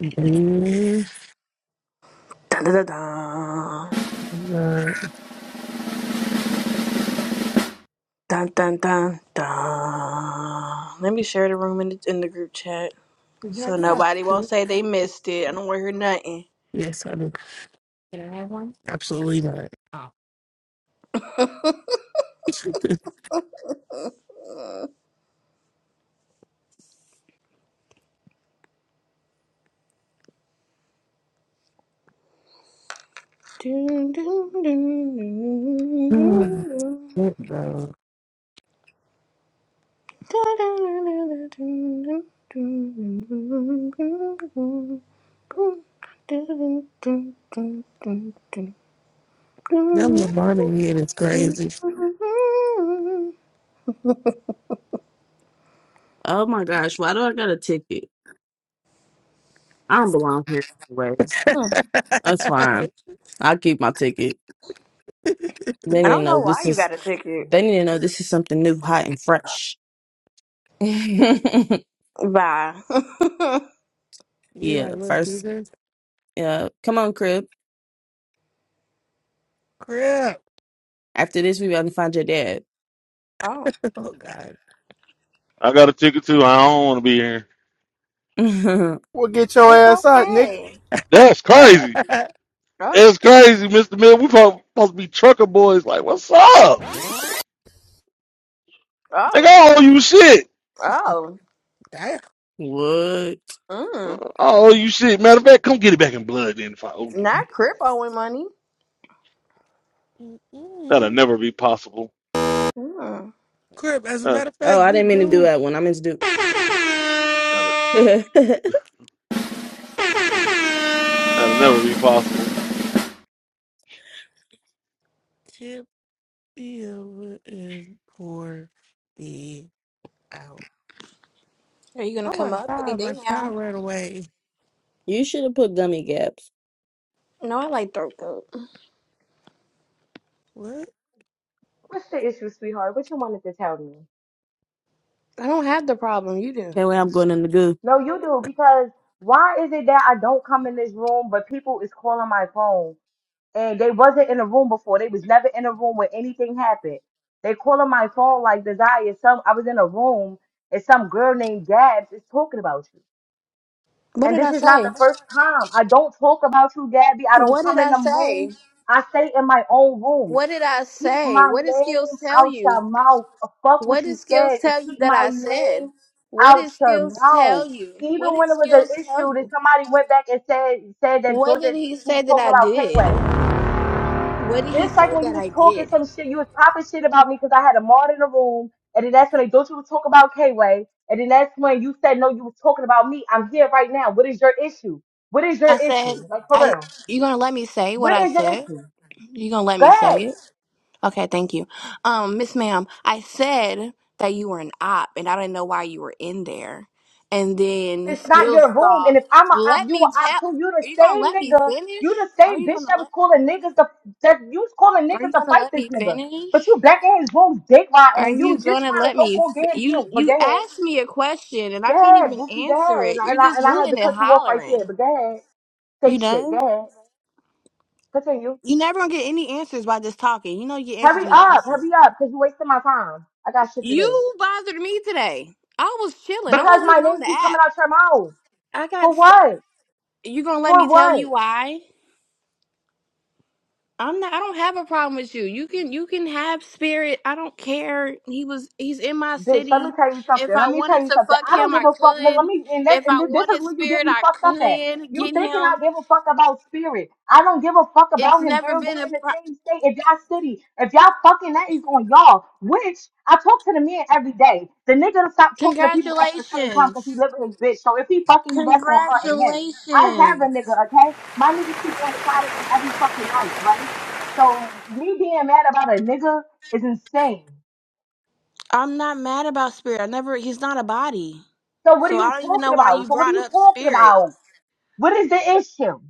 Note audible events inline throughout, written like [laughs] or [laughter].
Believe Dun, dun, dun, dun. not. Now Dun, dun, dun, dun. Let me share the room in the, in the group chat you so already have nobody will two. say they missed it. I don't want to hear nothing. Yes, I do. Can I have one? Absolutely not. Oh. [laughs] Dun, dun, dun, dun, dun, Oh, dun. shit, no. dun, dun, dun. Them Levana head is crazy. Oh my gosh, why do I got a ticket? I don't belong here anyways. [laughs] That's fine. I'll keep my ticket. They I need to don't know know why this you is got a ticket. they need to know this is something new, hot and fresh. [laughs] yeah, Bye. [laughs] you like little first Caesars? yeah, come on, Crib. Crip. After this we about to find your dad. Oh, Oh, God. I got a ticket too. I don't want to be here. [laughs] Well, get your it's ass out, nigga. okay. That's crazy. [laughs] Oh, That's crazy, Mr. Mill. We supposed supposed to be trucker boys. Like, what's up? Nigga, oh, I owe you shit. oh. Damn. what? I Mm. owe you shit. Matter of fact, come get it back in blood then if I owe you Not it. crip owing money. That'll Mm-mm. never be possible. Mm. Crip, as a Uh, matter of fact, Oh, I you didn't mean to do do that one. I meant to do that'll, that'll never be possible. tip me over and pour me out. Are you gonna Oh, my come up any God. day My now? child ran away. [laughs] You should have put gummy gaps. No, I like throat coat. What? What's the issue, sweetheart? What you wanted to tell me? I don't have the problem. You do. Okay, well, I'm going in the goo. No, you do because why is it that I don't come in this room, but people is calling my phone and they wasn't in the room before. They was never in a room when anything happened. They calling my phone like desire. Some I was in a room and some girl named Gabs is talking about you. What And did this I is not the say? first time. I don't talk about you, Gabby. I don't What did come in I them say? rooms. I stay in my own rooms. What did I Keep say? my What did skills name tell out your you? mouth. Fuck What what did you skills said. Just tell you keep that my I said? name What out did your skills mouth. tell you? What Even did when it was an skills tell issue that you? somebody went back and said said that What did Georgia he she was say that talking I about did? K-Way. What did he Just like say when you that was I talking did? some shit, you was popping shit about me because I had a mod in the room, and then that's when they Georgia was talking about K-Way, and then that's when you said no, you was talking about me. I'm here right now. What is your issue? What is your I said, issue? Like for I real. you gonna let me say what What I is your said? issue? You gonna let Go me ahead. say it? Okay, thank you. Um, Miss Ma'am, I said that you were an op and I didn't know why you were in there. And then It's not skills your room. thought, And if I'm a op, let you a me op tell too. You the are you gonna same let me nigga. You finish? the Are same you bitch gonna that let was calling niggas to that you was calling are niggas you to gonna fight let this me nigga. But finish? you back in his room, dick riding. Are and You you was just gonna trying to let so me called get f- him you killed. But you go ahead, asked me a question and go I can't ahead, even Bookie, go answer ahead. And it. I, You're and I just and I had to hooting and cut you off right there. hollering. But go ahead, You take shit. Go know? ahead, continue. You never gonna get any answers by just talking. You know you get answers Hurry when you up, listen. hurry up, cause you wasting my time. I got shit to do. You bothered me today. I was chilling. I Because wasn't my even name on the keep app. coming out your mouth. I got. For s what? you gonna let me For tell what? you why? I'm not. I don't have a problem with you. You can. You can have spirit. I don't care. He was. He's in my bitch, let me city. tell you If something. I Let me tell wanted you to something. fuck I don't him, give I a fuck. Let let could. me, and, that, If and I this is wanted where you get spirit, me I fucked up at. could You get thinking I him. give a fuck about spirit? I don't give a fuck It's about him, never girl. Y'all been a. in the Pro- same state. If y'all city, if y'all fucking, that is on y'all. Which I talk to the men every day. The nigga to stop talking to people after a certain time because Congratulations. he live with his bitch. So if he fucking you, that's on her and him. I have Congratulations. a nigga, okay? My nigga sleep on the side of me every fucking night, right? So me being mad about a nigga is insane. I'm not mad about spirit. I never he's not a body. So what are So you I don't even talking know why about? you So what are brought you up talking spirit. about? What is the issue?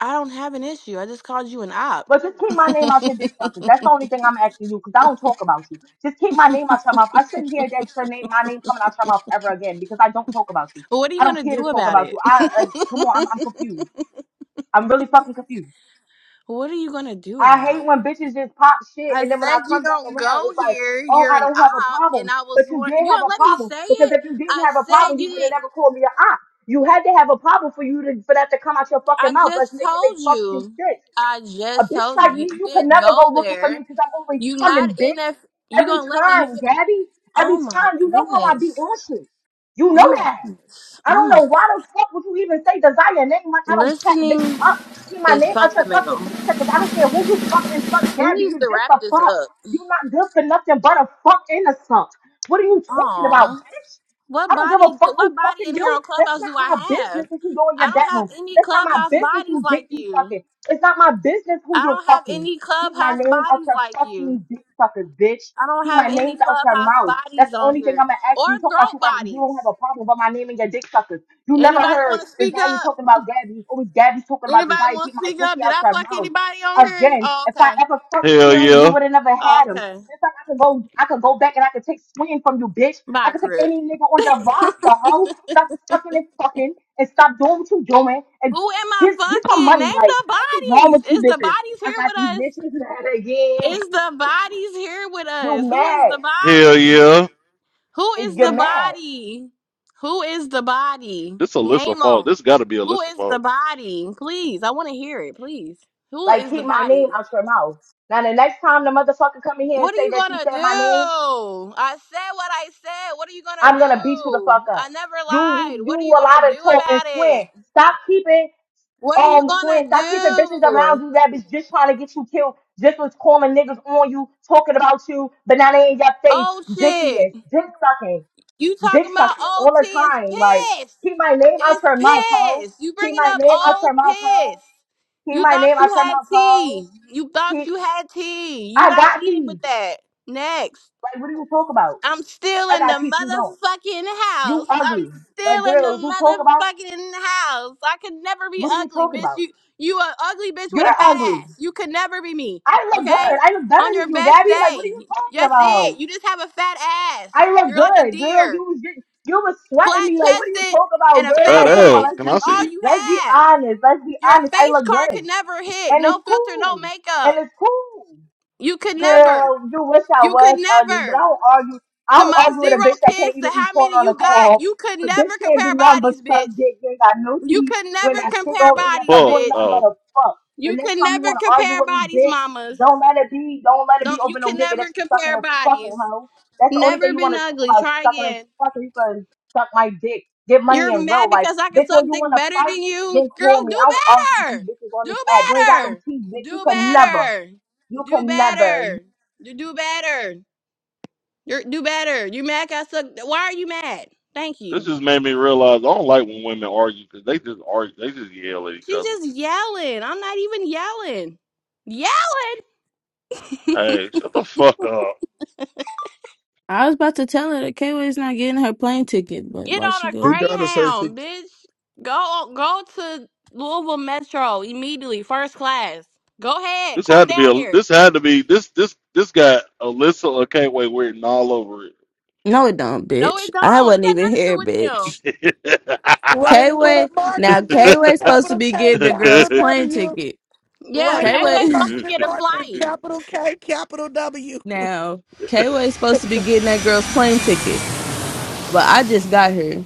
I don't have an issue. I just called you an op. But just keep my [laughs] name out your dick suckers. That's the only thing I'm asking you because I don't talk about you. Just keep my name out your mouth. I shouldn't hear that your name, my name coming out your mouth ever again because I don't talk about you. What are you I don't gonna care to do talk about about it? you. I, I come on, I'm, I'm confused. I'm really fucking confused. [laughs] what are you gonna do I about hate it? when bitches just pop shit I and then when I said you come back don't around, go it's like, here. oh, You're I an don't have a op, and problem. I was But you one. did You have gonna a let me problem say because it? if you didn't I have a said problem, you you would have didn't. never called me a op. You had to have a problem for you to for that to come out your I fucking mouth. Let's just make it make told fucking you. sense. I A just bitch told like you me, you you can didn't never go go looking for me there. because I'm always You coming, not in bitch. F. You Every gonna let me? Fi- time, Gabby. Every oh my time. You know how I be goodness! on shit. You know Oh my that. goodness. I Oh don't my know why God. the fuck would you even say desire name like I don't pack bitches Listening up. Keep my is name out your fucking fundamental. dick because I don't care who you fucking suck, Then Gabby. use You to just wrap a this fuck. up. You not good for nothing but a fuck and a suck. What are you talking about, Oh, bitch? what I don't give a body? fuck What who body fucking in here you. on That's Clubhouse not do I my business have? if you go in I your don't have bedroom. any That's not my Clubhouse business bodies who like dick you you. fucking. It's not my business who I you're don't have fucking. any Keep my Clubhouse name out bodies your like you. fucking dick suckers, bitch. I don't Keep my have any names out your Clubhouse mouth. That's bodies the on only thing I'm here gonna ask or you. You talk about you throat got you don't have bodies. a problem with my name and your dick suckers. You never Anybody want heard to speak Desire up? talking about Gabby. It's always Gabby's talking about Anybody Desire. want Keep to my speak pussy up? Did out I your fuck mouth anybody on here? again. Oh, If I okay. ever fucked Hell Spirit, you yeah. would have never Oh, had him. okay. It's like I could go, I could go back and I could take swing from you, bitch. I Bye, could take Crip. any nigga on your [laughs] roster, ho. Stop sucking and fucking, and stop doing what you doing, and Who am I just get some fucking? money. Name Like the that's what's wrong bodies. with you, Is the bitches. bodies I here got with these us? bitches mad again. Is the bodies here with You us? Who is mad? the Hell body? yeah. Who If is you're the mad, body? Who is the body? This Alyssa Name fault. them. This gotta be Who Alyssa is the fault. body? Please, I want to hear it. Please. Who like is the keep my body? name out your mouth. Now the next time the motherfucker come in here and What are say you that you gonna said do? my name, I said what I said. What are you gonna I'm gonna beat you the fuck do? I up. never You lied. you do What are you a gonna lot do of talk and about it? swing. Stop keeping. What are you Um, gonna Swin, stop keeping bitches around do? you that bitch just trying to get you killed, just was calling niggas on you, talking about you, but now they in your face. Oh Dicky shit. is dick sucking, You dick talking about sucking old all the T is time. Like, pissed. keep my name out It's your mouth, ho. piss. You Keep bringing my up name out old your mouth, ho. piss. Keep You my thought name you out your had mouth, ho. tea. You thought Keep, you had tea. You I not got eating teeth. with that. Next. Like, what do you talk about? I'm still I in the got teeth, you don't. motherfucking You house. I'm ugly. still Like, in girls, you talk the about? motherfucking house. I could never be What are you ugly, talking bitch. about? You you a ugly bitch with a You're fat ugly. ass. You could never be me. I look good. Okay? I look better On your than you, best Gabby. Like, what are day. you talking That's about? it. You just have a fat ass. I look You're like a good, girl. deer You was just, you was sweating flat me. Like, what are you chested talking and about, a A girl? fat fat Like, come on, ass. ass. let's Can I That's be see all you? you let's be have. honest. Let's be Your honest. I face look card can good, never hit. and No it's filter, no cool, and makeup. it's cool You could never. girl, you wish I You could was ugly, but I never. don't argue. I To don't my argue with a zero bitch that can't kids, to even eat how corn many on a you got, cob. you could A never bitch can't do compare nothing but bodies, suck bitch. dick. You ain't got no You teeth. could You never ain't got shit compare going The through bodies, yourself. You fuck? ain't bitch. nothing Oh, but a fuck. The You next could time you never want to argue compare with me, bodies, bitch, mamas. don't let it be. Don't let it be Don't you over no can nigga that never you sucking compare and fucking, bodies. hoe. That's the only thing Never you want been to talk ugly. about, Try sucking and again. fucking. You can suck my dick. Get money You're in real mad life. because I can Bitch, suck when you dick want to better fight, than you. then Girl, call me. do I don't argue with these better. bitches on Do this app. You ain't got no better. teeth, bitch. You Do can never. better. You Do can never. better. You do better. You're do better. You mad 'cause I suck why are you mad? Thank this you. just made me realize I don't like when women argue because they just argue. They just yell at each She other. just yelling. I'm not even yelling. Yeah. Hey, shut the fuck up. I was about to tell her that K-Way's not getting her plane ticket, but Get why on she a go? She gotta say she. greyhound, bitch. Go go to Louisville Metro immediately, first class. Go ahead. This Come had to be down a here. this had to be this this this got Alyssa Okanway written all over it. No, it don't, No, bitch. it I don't. It wasn't got even nothing to do here, with them. bitch. [laughs] Write K it with a Way now marker, K bitch. Way supposed to Capital be K, getting the girl's capital plane W. ticket. Yeah, Write K it with a Kanye's Way supposed to permanent get a marker. flight. Capital K, capital W. [laughs] now K Way supposed to be getting that girl's plane ticket. But I just got here.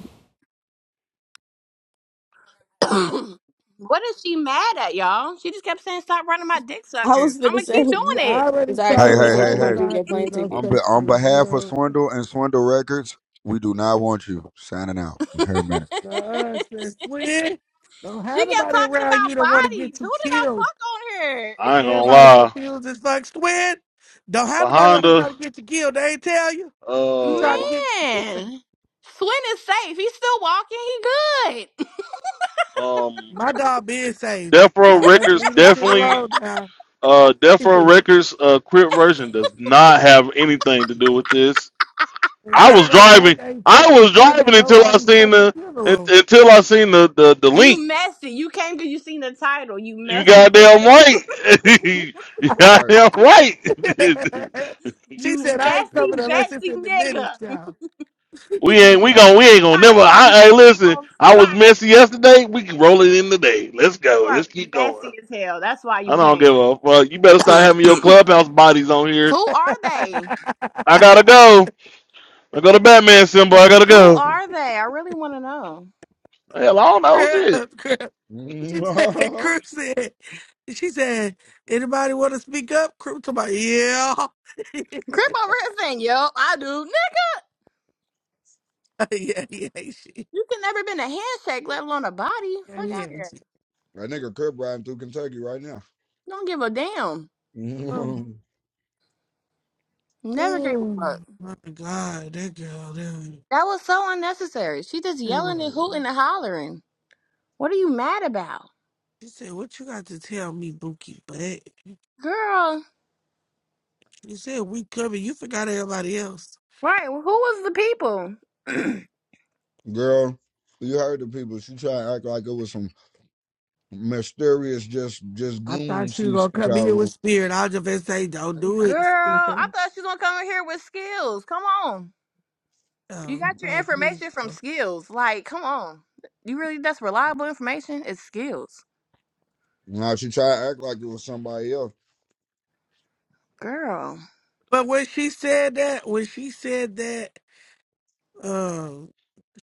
[coughs] [clears throat] what is she mad at, y'all? She just kept saying, "Stop running my dick I suckers." was I'm gonna gonna say keep doing You it. [laughs] already it's all right, K Hey, told her Way hey, said I she hey, would hey! not getting not that do plane no ticket. On be, such on things, you behalf of know. Swindle and Swindle Records, we do not want you signing out. Her man. Uh, [laughs] since when? Don't she have kept nobody talking around you about that want to get bodies. you Who did I killed. fuck on here? I ain't gonna Everybody lie. confused as fuck. Squid, don't The have nobody out here Honda trying to get you killed. They ain't tell you. You try uh to get Man, Swin is safe. He's still walking. He good. [laughs] um my dog being safe. Death Row Now, let's Records leave this shit definitely alone now. uh Death Row [laughs] Records uh crit version does not have anything to do with this. And I was K-Way Bank driving ain't I fucking was funding driving until I nobody's seen fucking the un- funeral. until I seen the the, the You link. messy. You came because you seen the title. You You messy nigga. goddamn [laughs] right. [laughs] you Right. goddamn [laughs] right. she You said, I ain't messy coming unless it's Betsy in the nigga. minutes, [laughs] y'all. we You ain't [laughs] we Hey. seen gon' we the ain't gonna never. title and you I hey came listen. on I was sight. messy yesterday. We can roll it in today. Let's go. You are Let's keep going. messy as hell. That's why you I don't came. give a fuck. You better start [coughs] having your clubhouse [clears throat] bodies on here. Who are they? I gotta go. I go to Batman symbol. I gotta Who go. are they? I really want to know. Hell, I don't know shit. Crip, crip. [laughs] She said, that Crip said, she said, anybody want to speak up? Crip talking about, yeah. [laughs] Crip over here saying, yo, I do. Nick, yeah, yeah, she, you can never been a handshake, let alone a body. yeah, Fuck yeah, out here. she. nigga could riding through Kentucky right now. Don't give a damn. Oh, [laughs] Never gave a oh, fuck. my God, that girl, that, That was so unnecessary. She just that was- yelling and hooting and hollering. What are you mad about? she said, what you got to tell me, Bookie Butt? Girl. You said we covered. You forgot everybody else. Right. well, Who was the people? [clears throat] Girl, Girl, you heard the people. She tried to act like it was some mysterious just just I thought goons she was she gonna sent come here with out. spirit. I was just gonna say, don't do it. [laughs] I thought she was going to come in here with skills. Come on. You Oh, got your oh, please. information from Don't. skills. Like, come on. You really that's reliable information? It's skills. Now she tried to act like it was somebody else. Girl. But when she said that, when she said that, um,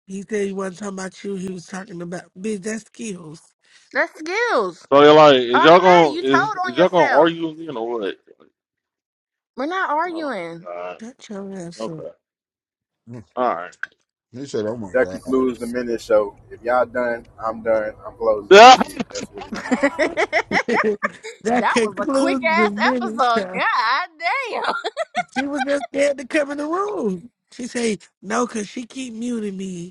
he said he wasn't talking about you. He was talking about bitch. That's skills. That's skills. So you're like, is y'all Automatic. gonna You told is on is y'all gonna yourself. argue with me or what? We're not Oh my arguing. god. Shut your ass up. Okay. [laughs] All He said, "Oh my That god." concludes the minute show. If y'all done, I'm done. I'm closing right. [laughs] this shit. That's what it [laughs] is. that [laughs] that was a quick concludes the ass mini episode. show. God She was just scared to come in the room. She said no, cause she keep muting me.